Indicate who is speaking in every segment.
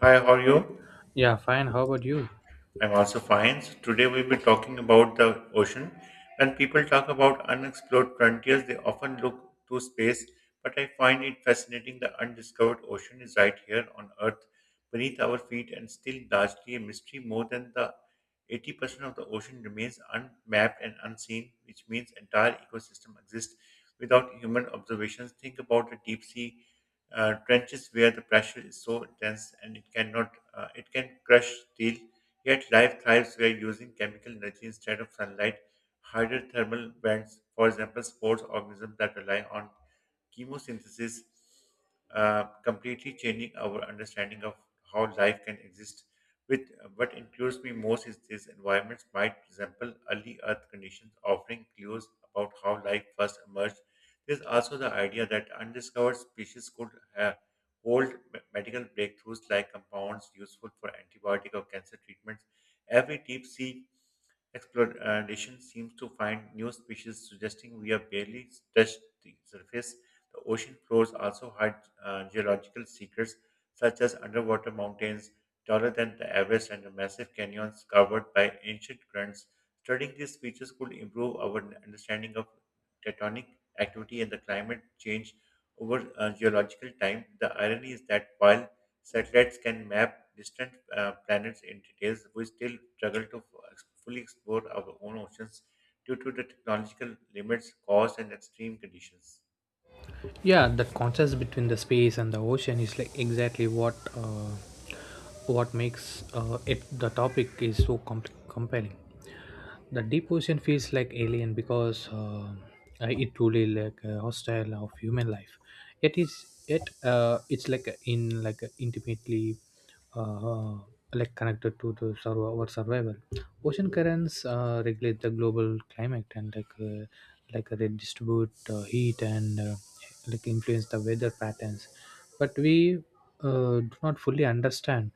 Speaker 1: Hi, how are you?
Speaker 2: Yeah, fine. How about you?
Speaker 1: I'm also fine. So today we'll be talking about the ocean. When people talk about unexplored frontiers, they often look to space, but I find it fascinating the undiscovered ocean is right here on Earth, beneath our feet, and still largely a mystery. More than the 80% of the ocean remains unmapped and unseen, which means entire ecosystem exists without human observations. Think about the deep sea trenches where the pressure is so intense and it cannot it can crush steel. Yet life thrives by using chemical energy instead of sunlight. Harder thermal vents, for example, sports organisms that rely on chemosynthesis, completely changing our understanding of how life can exist. With what includes me most is these environments might resemble early Earth conditions, offering clues about how life first emerged. There's also the idea that undiscovered species could uh, medical breakthroughs like compounds useful for antibiotic or cancer treatments. Every deep sea exploration seems to find new species, suggesting we have barely touched the surface. The ocean floors also hide geological secrets, such as underwater mountains taller than the Everest and the massive canyons covered by ancient currents. Studying these features could improve our understanding of tectonic activity and the climate change over geological time. The irony is that while satellites can map distant planets in details, we still struggle to fully explore our own oceans due to the technological limits caused and extreme conditions.
Speaker 2: Yeah, the contrast between the space and the ocean is like exactly what makes it the topic is so compelling. The deep ocean feels like alien because it truly like a hostile of human life. Yet it's like in like a intimately uh, like connected to our survival. Ocean currents regulate the global climate and like they distribute heat and like influence the weather patterns. But we do not fully understand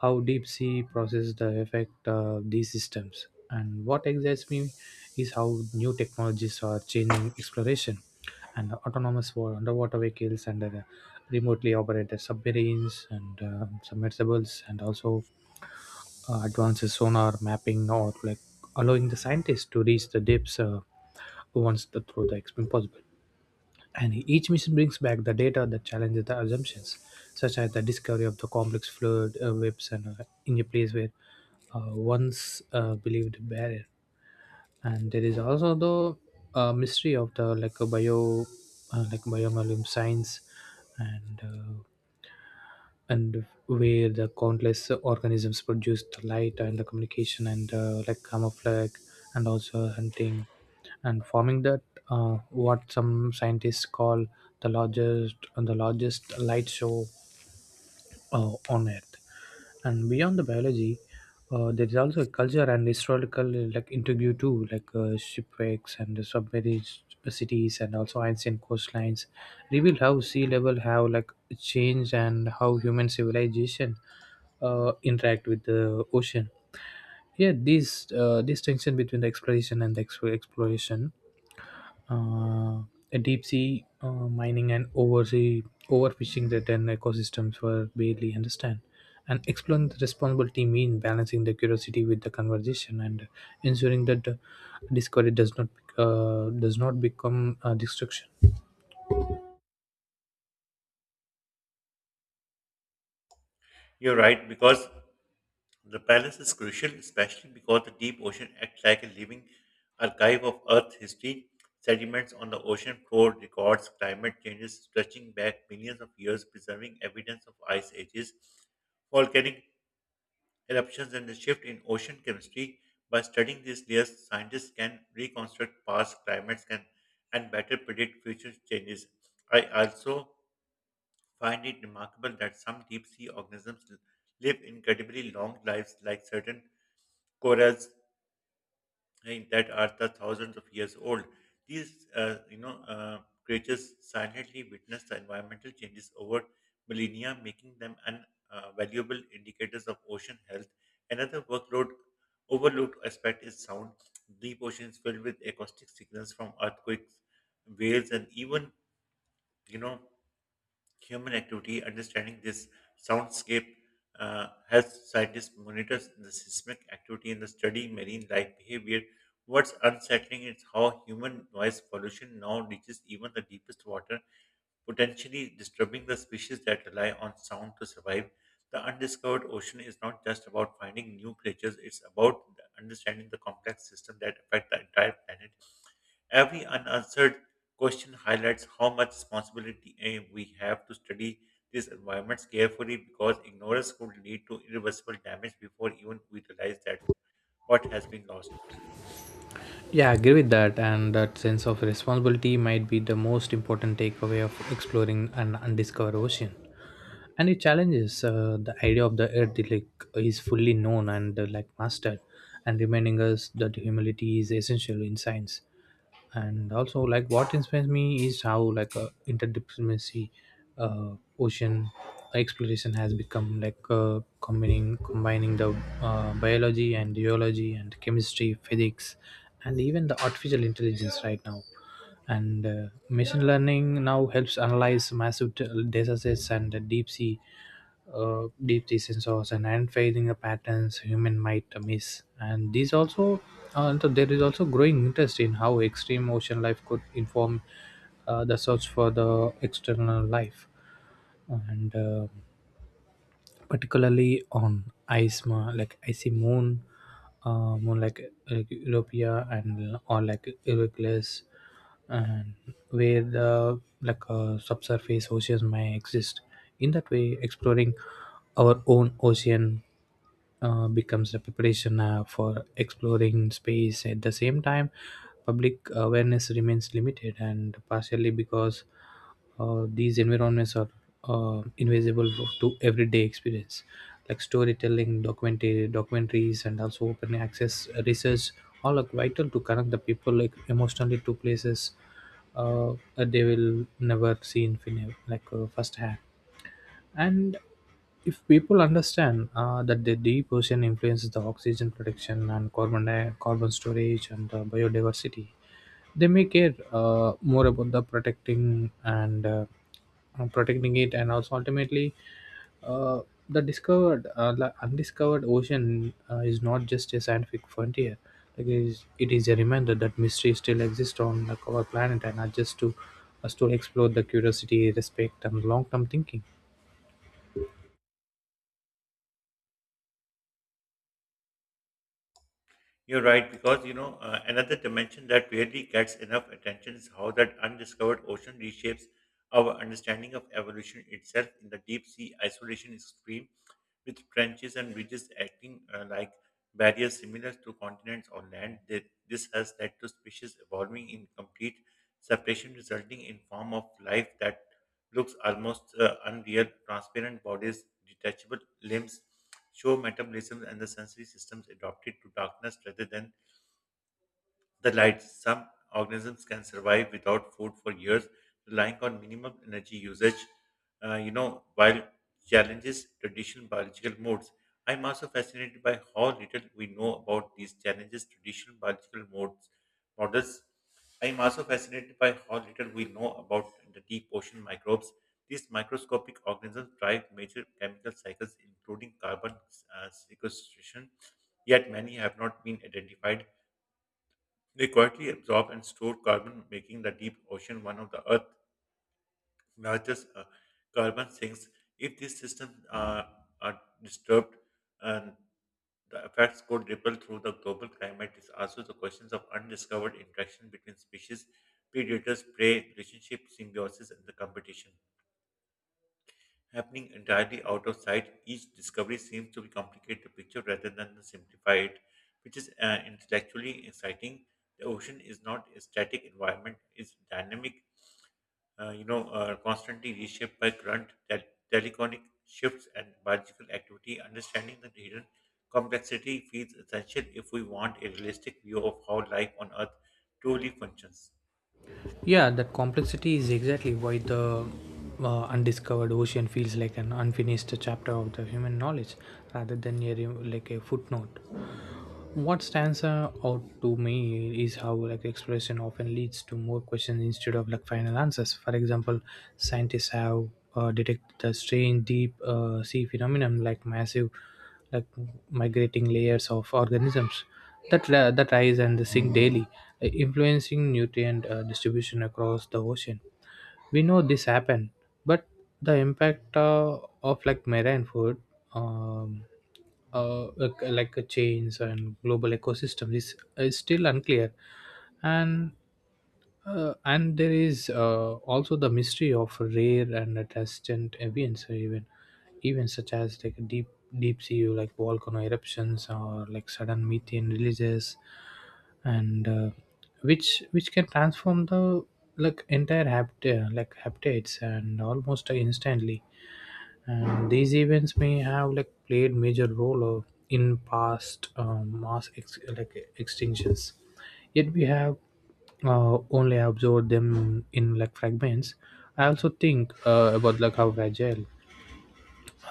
Speaker 2: how deep sea process the effect of these systems. And what excites me is how new technologies are changing exploration and autonomous underwater vehicles and remotely operated submarines and submersibles and also advances sonar mapping or like allowing the scientists to reach the depths once through the experiment possible. And each mission brings back the data that challenges the assumptions, such as the discovery of the complex fluid webs and in a place where once believed barrier. And there is also the mystery of the like like biomolecular science, and uh, and where the countless organisms produce the light and the communication and like camouflage and also hunting and forming that what some scientists call the largest light show on Earth. And beyond the biology, there is also a culture and historical like interview too, like shipwrecks and the submerged cities, and also ancient coastlines reveal how sea level have like changed and how human civilization interact with the ocean. Yeah, this this tension between the exploration and the exploration uh, deep sea mining and oversea overfishing that then ecosystems were barely understand, and exploring the responsibility mean balancing the curiosity with the conversation and ensuring that discovery does not become destruction.
Speaker 1: You're right, because the balance is crucial, especially because the deep ocean acts like a living archive of Earth history. Sediments on the ocean floor records climate changes stretching back millions of years, preserving evidence of ice ages, volcanic eruptions, and the shift in ocean chemistry. By studying these layers, scientists can reconstruct past climates can, and better predict future changes. I also find it remarkable that some deep sea organisms live incredibly long lives, like certain corals right, that are the thousands of years old. These, creatures silently witness the environmental changes over millennia, making them an valuable indicators of ocean health. Another workload overlooked aspect is sound. Deep oceans filled with acoustic signals from earthquakes, whales, and even you know human activity, understanding this soundscape helps scientists monitor the seismic activity in the study marine life behavior. What's unsettling is how human noise pollution now reaches even the deepest water, potentially disturbing the species that rely on sound to survive. The undiscovered ocean is not just about finding new creatures, it's about understanding the complex system that affect the entire planet. Every unanswered question highlights how much responsibility we have to study these environments carefully because ignorance could lead to irreversible damage before even we realize that what has been lost.
Speaker 2: Yeah, I agree with that, and that sense of responsibility might be the most important takeaway of exploring an undiscovered ocean. And it challenges the idea of the earth like is fully known and like mastered, and reminding us that humility is essential in science. And also like what inspires me is how like interdisciplinary uh, ocean exploration has become, like combining the biology and geology and chemistry physics and even the artificial intelligence right now. And machine learning now helps analyze massive data sets and deep sea deep sea sensors and unveiling the patterns human might miss. And these also so there is also growing interest in how extreme ocean life could inform the search for the external life, and particularly on ice, ma like icy moon, moon like Europea and or like Euroclus, and where the like subsurface oceans may exist. In that way, exploring our own ocean becomes a preparation for exploring space. At the same time, public awareness remains limited, and partially because these environments are invisible to everyday experience, like storytelling, documentaries, and also open access research. All are vital to connect the people like emotionally to places they will never see in like firsthand. And if people understand that the deep ocean influences the oxygen production and carbon storage and biodiversity, they may care more about the protecting and protecting it, and also ultimately uh, the undiscovered ocean is not just a scientific frontier, like it is a reminder that mystery still exists on, like, our planet, and are just to us to explore the curiosity respect and long-term thinking.
Speaker 1: You're right, because another dimension that rarely gets enough attention is how that undiscovered ocean reshapes our understanding of evolution itself. In the deep sea, isolation is extreme with trenches and ridges acting like barriers similar to continents or land. They, this has led to species evolving in complete separation, resulting in form of life that looks almost unreal, transparent bodies, detachable limbs, show metabolism and the sensory systems adapted to darkness rather than the light. Some organisms can survive without food for years, relying on minimum energy usage. While challenges traditional biological modes, I'm also fascinated by how little we know about these challenges traditional biological modes models. I'm also fascinated by how little we know about the deep ocean microbes. These microscopic organisms drive major chemical cycles, including carbon sequestration, yet many have not been identified. They quietly absorb and store carbon, making the deep ocean one of the Earth's largest carbon sinks. If these systems are disturbed, and the effects could ripple through the global climate, is also the questions of undiscovered interaction between species, predators, prey, relationship, symbiosis, and the competition. Happening entirely out of sight, each discovery seems to complicate the picture rather than simplify it, which is intellectually exciting. The ocean is not a static environment; it's dynamic, constantly reshaped by current, tectonic shifts, and biological activity. Understanding the hidden complexity feels essential if we want a realistic view of how life on Earth truly functions.
Speaker 2: Yeah, that complexity is exactly why the undiscovered ocean feels like an unfinished chapter of the human knowledge rather than like a footnote. What stands out to me is how like exploration often leads to more questions instead of like final answers. For example, scientists have detected the strange deep sea phenomenon, like massive like migrating layers of organisms that rise and sink daily, influencing nutrient distribution across the ocean. We know this happened, but the impact of like marine food um, like chains and global ecosystems is still unclear. And and there is also the mystery of rare and transient events, or even events such as like deep sea like volcano eruptions or like sudden methane releases. And which can transform the like entire habit like habitats and almost instantly. And these events may have like played major role in past mass like extinctions, yet we have only observed them in like fragments. I also think about like how fragile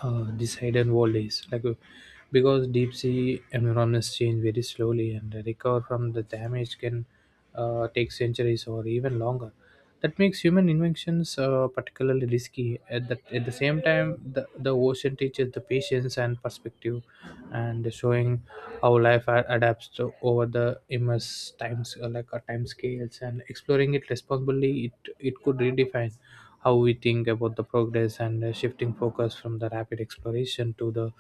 Speaker 2: these hidden valleys, like because deep sea environments change very slowly and recover from the damage can take centuries or even longer. That makes human inventions particularly risky. At the same time, the ocean teaches the patience and perspective, and showing how life adapts to, over the immense times, like time scales, and exploring it responsibly, it could redefine how we think about the progress, and shifting focus from the rapid exploration to the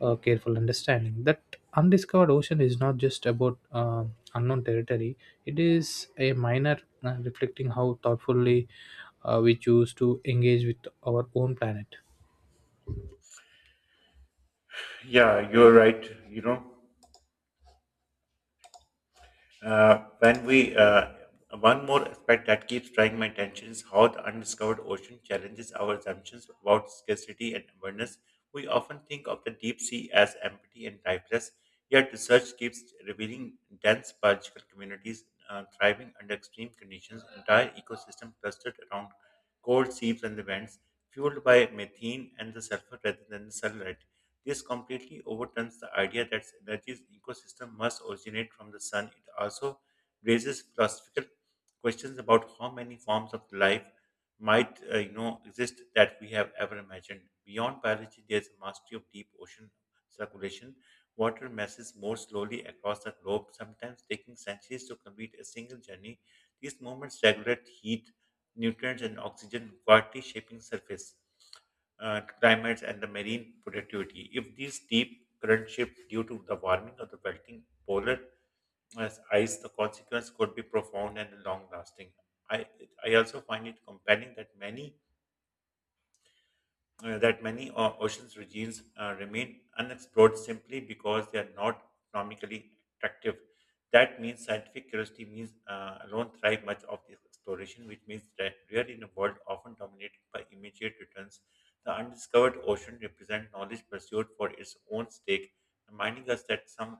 Speaker 2: careful understanding. That undiscovered ocean is not just about unknown territory, it is a minor reflecting how thoughtfully we choose to engage with our own planet.
Speaker 1: Yeah, you're right. You know. When we one more aspect that keeps drawing my attention is how the undiscovered ocean challenges our assumptions about scarcity and abundance. We often think of the deep sea as empty and lifeless, yet research keeps revealing dense biological communities thriving under extreme conditions, entire ecosystems clustered around cold seas and the vents, fueled by methane and the sulfur rather than the sunlight. This completely overturns the idea that energy's ecosystem must originate from the sun. It also raises philosophical questions about how many forms of life might exist that we have ever imagined. Beyond biology, there's a mastery of deep ocean circulation. Water masses more slowly across the globe, sometimes taking centuries to complete a single journey. These movements regulate heat nutrients and oxygen quietly shaping surface climates and the marine productivity. If these deep currents shift due to the warming of the melting polar ice, the consequence could be profound and long lasting. I, I also find it compelling that many oceans regimes remain unexplored simply because they are not economically attractive. That means scientific curiosity means alone thrive much of this exploration, which means that we in a world often dominated by immediate returns. The undiscovered ocean represent knowledge pursued for its own stake, reminding us that some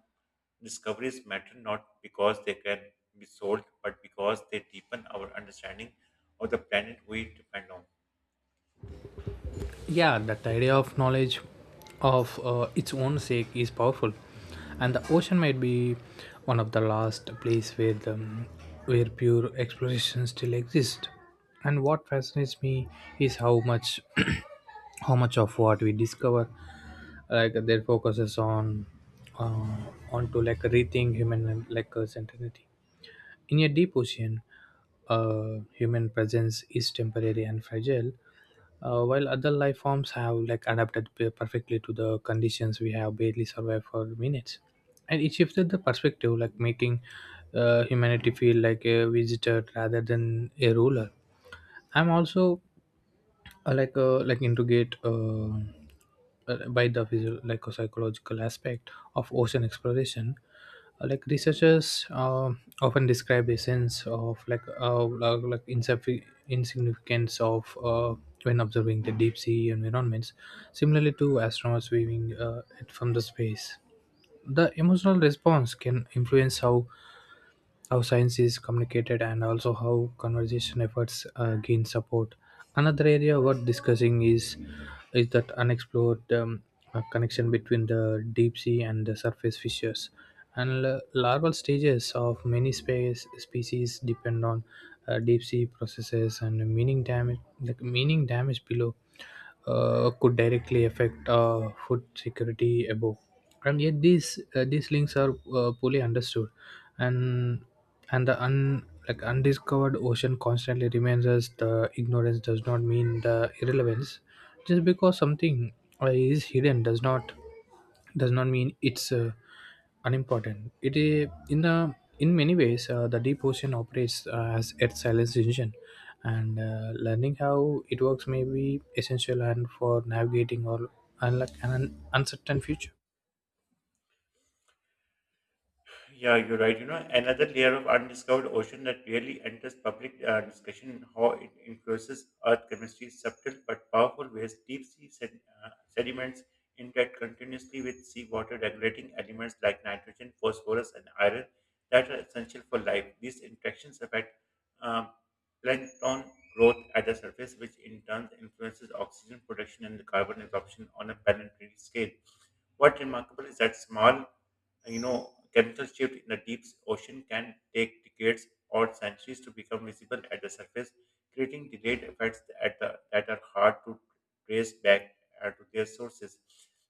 Speaker 1: discoveries matter not because they can be sold, but because they deepen our understanding of the planet we depend on.
Speaker 2: Yeah, that idea of knowledge of its own sake is powerful, and the ocean might be one of the last place where pure exploration still exists. And what fascinates me is how much how much of what we discover, like their focuses uh, on to like rethink human like identity. In a deep ocean, human presence is temporary and fragile, while other life forms have like adapted perfectly to the conditions we have barely survived for minutes. And it shifted the perspective, like making humanity feel like a visitor rather than a ruler. I'm also like integrate by the like a psychological aspect of ocean exploration. Like researchers often describe a sense of like insignificance of when observing the deep sea environments, similarly to astronauts viewing it from the space. The emotional response can influence how science is communicated and also how conservation efforts gain support. Another area worth discussing is that unexplored connection between the deep sea and the surface fishes. And larval stages of many space species depend on deep sea processes, and meaning damage, like meaning damage below could directly affect food security above. And yet these links are poorly understood, and and the un like undiscovered ocean constantly remains as the ignorance does not mean the irrelevance. Just because something is hidden does not mean it's unimportant. It is, in the in many ways, the deep ocean operates as Earth's silence engine, and learning how it works may be essential and for navigating or unlike an uncertain future.
Speaker 1: Yeah, you're right. You know, another layer of undiscovered ocean that rarely enters public discussion in how it influences Earth chemistry is subtle but powerful ways. Deep sea sediments interact continuously with seawater, regulating elements like nitrogen, phosphorus, and iron that are essential for life. These interactions affect um, plankton growth at the surface, which in turn influences oxygen production and carbon absorption on a planetary scale. What's remarkable is that small chemical shift in the deep ocean can take decades or centuries to become visible at the surface, creating delayed effects at the, that are hard to trace back to their sources.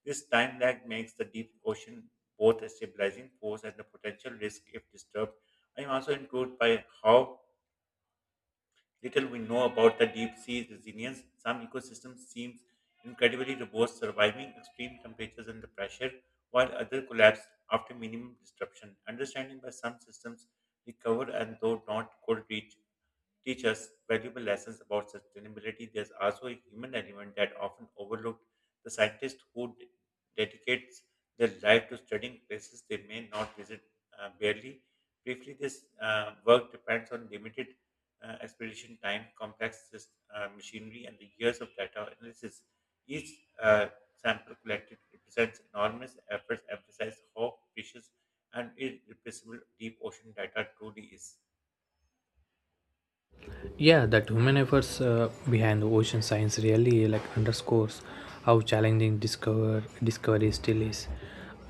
Speaker 1: This time lag makes the deep ocean both a stabilizing force and a potential risk if disturbed. I am also intrigued by how little we know about the deep sea resilience, some ecosystems seem incredibly robust, surviving extreme temperatures and the pressure, while others collapse after minimum disruption. Understanding why some systems recover and though not could reach teach us valuable lessons about sustainability, there's also a human element that often overlooked. The scientists who dedicates their life to studying places they may not visit barely. Briefly, this work depends on limited expedition time, complex machinery, and the years of data analysis. Each sample collected represents enormous efforts, emphasize how precious and irreplaceable deep ocean data truly is.
Speaker 2: Yeah, that human efforts behind the ocean science really like underscores how challenging discovery still is.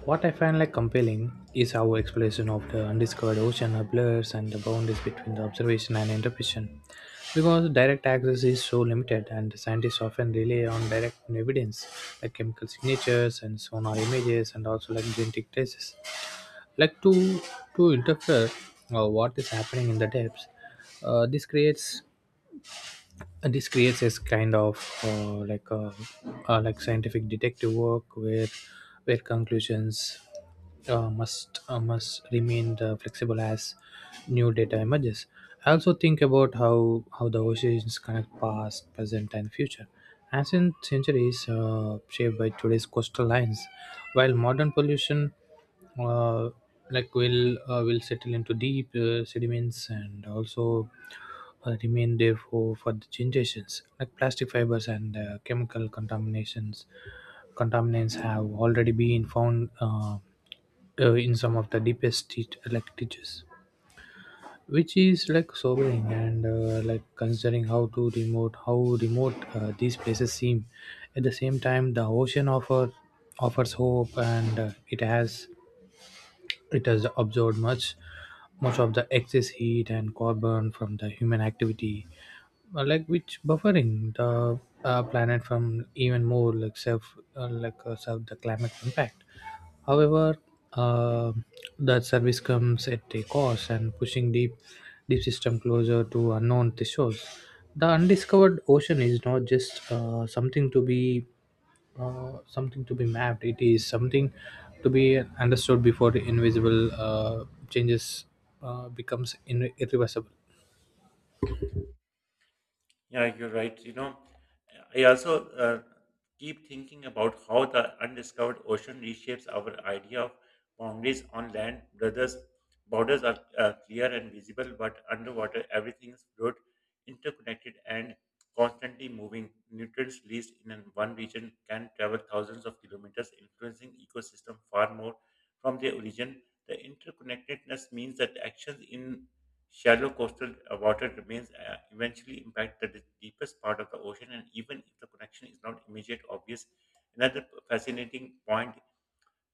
Speaker 2: What I find like compelling is our exploration of the undiscovered ocean blurs and the boundaries between the observation and interpretation. Because direct access is so limited and the scientists often rely on direct evidence like chemical signatures and sonar images and also like genetic traces. Like to interpret what is happening in the depths. This creates this kind of uh, like a, like scientific detective work, where conclusions must remain flexible as new data emerges. I also think about how the oceans connect past, present, and future. Ancient centuries shaped by today's coastal lines, while modern pollution uh, like will will settle into deep sediments, and also remain there for the generations. Like plastic fibers and chemical contaminations contaminants have already been found in some of the deepest like ditches, which is like sobering and like considering how to remote, how remote these places seem. At the same time, the ocean offers hope, and it has absorbed much of the excess heat and carbon from the human activity, like which buffering the planet from even more like self self the climate impact. However, uh, that service comes at a cost and pushing deep system closer to unknown thresholds. The undiscovered ocean is not just something to be mapped. It is something to be understood before the invisible changes becomes irreversible.
Speaker 1: Yeah, you're right. You know, I also keep thinking about how the undiscovered ocean reshapes our idea of boundaries on land. Brothers, borders are clear and visible, but underwater everything is fluid, interconnected, and constantly moving. Nutrients released in one region can travel thousands of kilometers, influencing ecosystem far more from their origin. The interconnectedness means that actions in shallow coastal water remains eventually impact the deepest part of the ocean, and even if the connection is not immediate obvious, fascinating point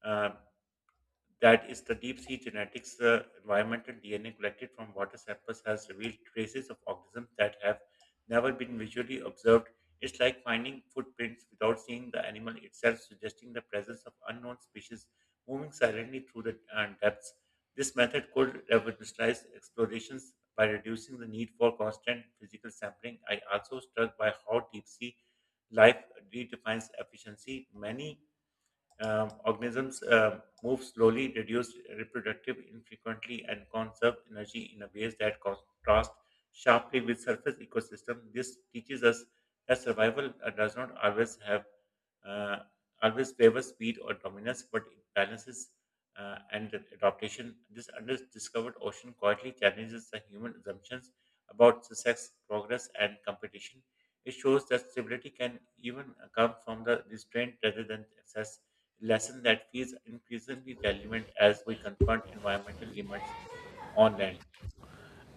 Speaker 1: uh, that is the deep sea genetics environmental DNA collected from water samples has revealed traces of organisms that have never been visually observed. It's like finding footprints without seeing the animal itself, suggesting the presence of unknown species moving silently through the depths. This method could revolutionize explorations by reducing the need for constant physical sampling. I also struck by how deep sea life redefines efficiency. Many organisms move slowly, reduce reproductive infrequently, and conserve energy in a ways that contrast sharply with surface ecosystem. This teaches us that survival does not always have uh, always favors speed or dominance, but it balances and adaptation. This undiscovered ocean quietly challenges the human assumptions about success, progress, and competition. It shows that stability can even come from the restraint rather than excess lesson that feels increasingly relevant as we confront environmental limits on land.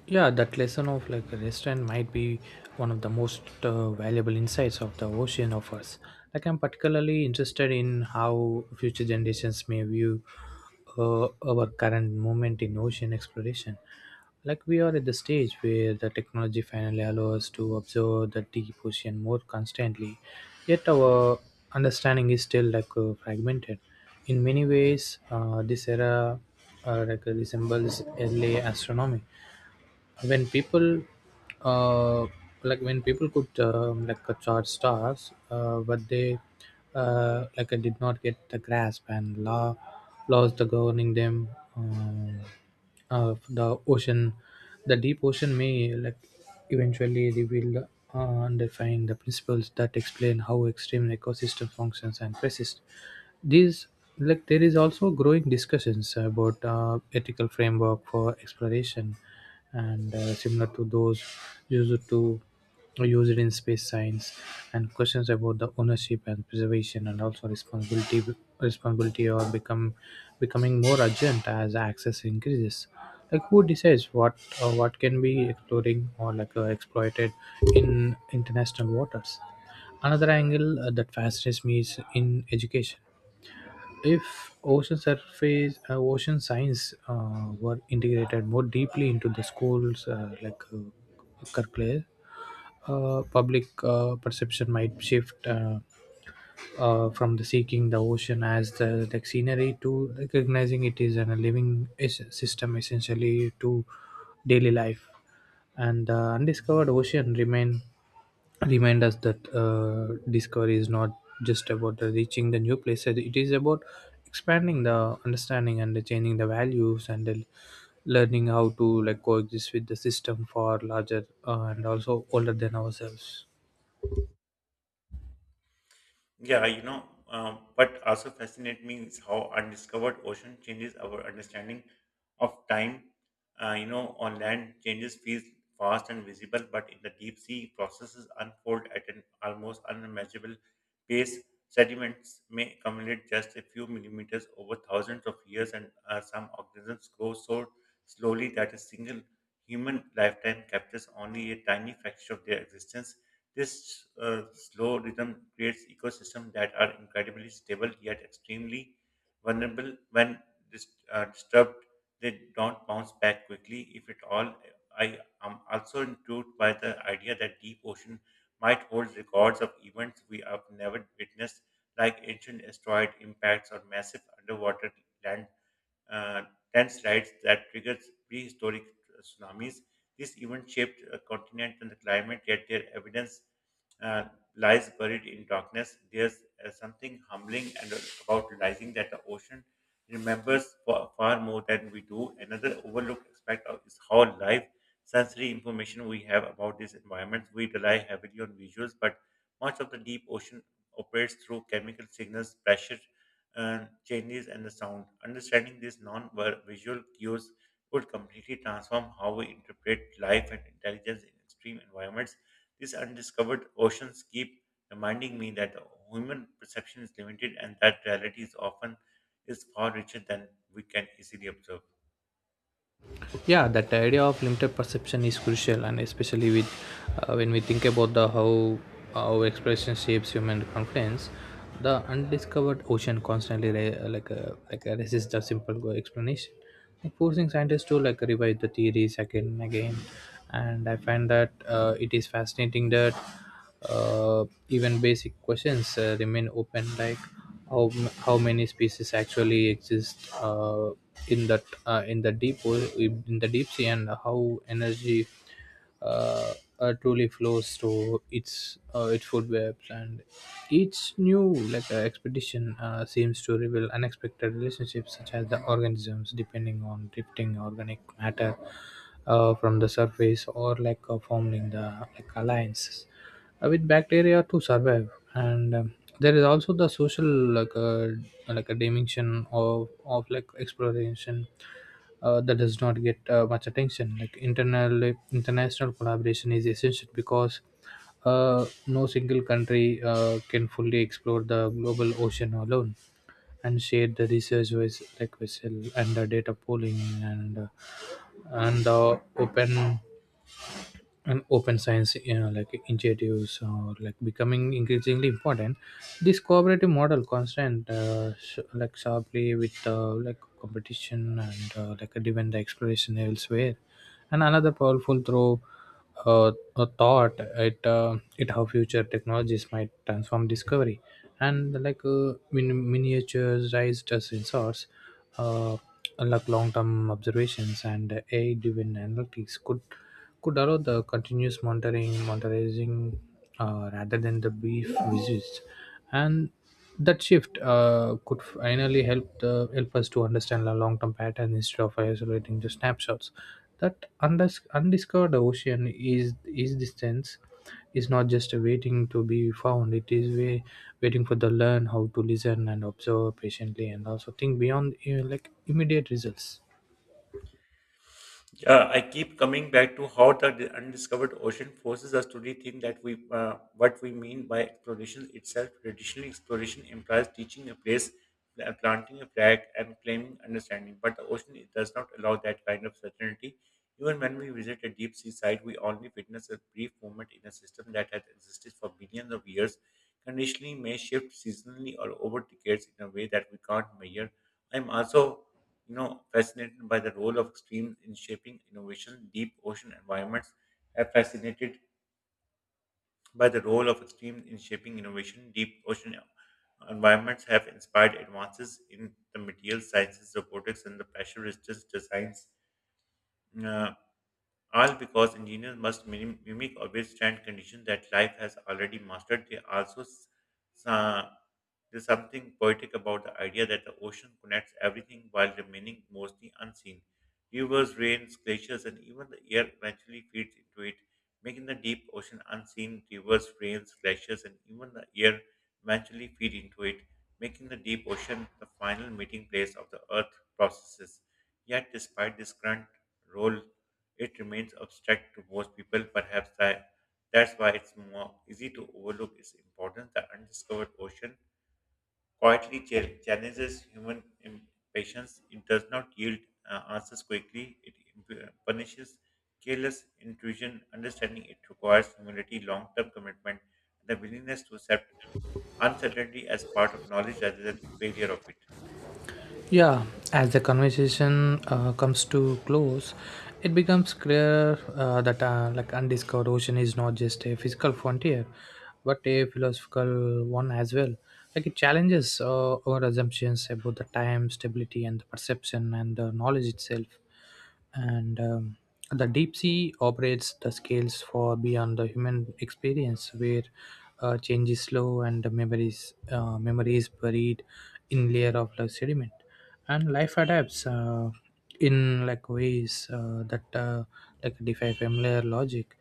Speaker 2: Yeah, that lesson of like restraint might be one of the most valuable insights of the ocean offers. Like I'm particularly interested in how future generations may view our current moment in ocean exploration. Like we are at the stage where the technology finally allows us to observe the deep ocean more constantly, yet our understanding is still like fragmented. In many ways, this era resembles early astronomy when uh, people could charge stars but they did not get the grasp and laws the governing them, um, of the ocean. The deep ocean may like eventually reveal uh, underlying the principles that explain how extreme ecosystem functions and persist these. Like there is also growing discussions about ethical framework for exploration and similar to those used to used in space science, and questions about the ownership and preservation and also responsibility responsibility are become becoming more urgent as access increases. Like who decides what can be exploring or exploited in international waters. Another angle that fascinates me is in education. If ocean science were integrated more deeply into the schools curricula, public perception might shift. From the seeking the ocean as the scenery to recognizing it is a living system essentially to daily life. And the undiscovered ocean remain remind us that discovery is not just about the reaching the new places. It is about expanding the understanding and the changing the values and the learning how to like coexist with the system for larger and also older than ourselves.
Speaker 1: Yeah, you know, what also fascinates me is how undiscovered ocean changes our understanding of time. On land, changes feel fast and visible, but in the deep sea, processes unfold at an almost unimaginable pace. Sediments may accumulate just a few millimeters over thousands of years, and some organisms grow so slowly that a single human lifetime captures only a tiny fraction of their existence. This slow rhythm creates ecosystems that are incredibly stable yet extremely vulnerable when dis- disturbed. They don't bounce back quickly, if at all. I am also intrigued by the idea that deep ocean might hold records of events we have never witnessed, like ancient asteroid impacts or massive underwater landforms uh, dense tides that triggered prehistoric tsunamis. This event shaped a continent and the climate, yet their evidence uh, lies buried in darkness. There's something humbling and about realizing that the ocean remembers far, far more than we do. Another overlooked aspect of, is how live sensory information we have about these environments. We rely heavily on visuals, but much of the deep ocean operates through chemical signals, pressure, changes and the sound. Understanding these non-visual cues could completely transform how we interpret life and intelligence in extreme environments. These undiscovered oceans keep reminding me that human perception is limited and that reality is often is far richer than we can easily observe.
Speaker 2: Yeah, that idea of limited perception is crucial, and especially with when we think about the how expression shapes human confidence. The undiscovered ocean constantly resists the simple explanation, like forcing scientists to like revise the theories again and again. And I find that it is fascinating that even basic questions remain open, like how many species actually exist in the in the deep sea, and how energy uh, truly flows to its food webs. And each new expedition seems to reveal unexpected relationships, such as the organisms depending on drifting organic matter from the surface, or forming the like alliances with bacteria to survive. And there is also the social like a like a dimension of like exploration that does not get much attention. Like internal international collaboration is essential because no single country can fully explore the global ocean alone, and share the research with like vessel and the data pooling, and the open science, you know, like initiatives or like becoming increasingly important. This cooperative model constant like sharply with like competition and like driven the exploration elsewhere. And another powerful through a thought it it how future technologies might transform discovery, and miniatures raised as sensors, uh, like long-term observations and AI-driven analytics could allow the continuous monitoring, monitoring rather than the brief visits, and that shift could finally help us to understand the long-term pattern instead of isolating the snapshots. That undiscovered ocean is the sense is not just waiting to be found it is way, waiting for the learn how to listen and observe patiently, and also think beyond like immediate results.
Speaker 1: Yeah, I keep coming back to how the undiscovered ocean forces us to rethink that we what we mean by exploration itself. Traditionally, exploration implies teaching a place, planting a flag, and claiming understanding. But the ocean it does not allow that kind of certainty. Even when we visit a deep sea site, we only witness a brief moment in a system that has existed for billions of years. Conditioning may shift seasonally or over decades in a way that we can't measure. I'm also fascinated by the role of extremes in shaping innovation. Deep ocean environments have fascinated by the role of extremes in shaping innovation. Deep ocean environments have inspired advances in the material sciences, robotics, and the pressure resistance designs. Uh, all because engineers must mimic or withstand conditions that life has already mastered. They also s- s- there's something poetic about the idea that the ocean connects everything while remaining mostly unseen. Rivers, rains, glaciers, and even the air eventually feeds into it, making the deep ocean unseen. Rivers, rains, glaciers, and even the air eventually feed into it, making the deep ocean the final meeting place of the earth processes. Yet, despite this current role it remains abstract to most people. That's why it's more easy to overlook its importance. The undiscovered ocean quietly challenges human impatience. It does not yield answers quickly. It punishes careless intrusion. Understanding it requires humility, long-term commitment, and the willingness to accept uncertainty as part of knowledge rather than failure of it.
Speaker 2: Yeah, as the conversation comes to close, it becomes clear that like undiscovered ocean is not just a physical frontier but a philosophical one as well. Like it challenges our assumptions about the time stability and the perception and the knowledge itself. And the deep sea operates the scales far beyond the human experience, where change is slow and the memories memory is buried in layer of the sediment, and life adapts in like ways that like defy familiar logic.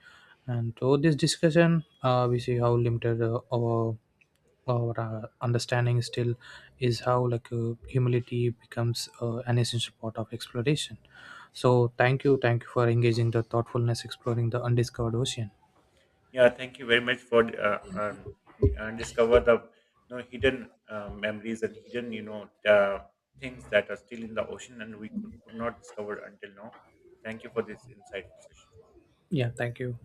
Speaker 2: And through this discussion we see how limited our understanding still is, how like humility becomes an essential part of exploration. So thank you for engaging the thoughtfulness exploring the undiscovered ocean.
Speaker 1: Yeah, thank you very much for discover the hidden memories and hidden things that are still in the ocean and we could not discover until now. Thank you for this insightful session.
Speaker 2: Yeah, thank you.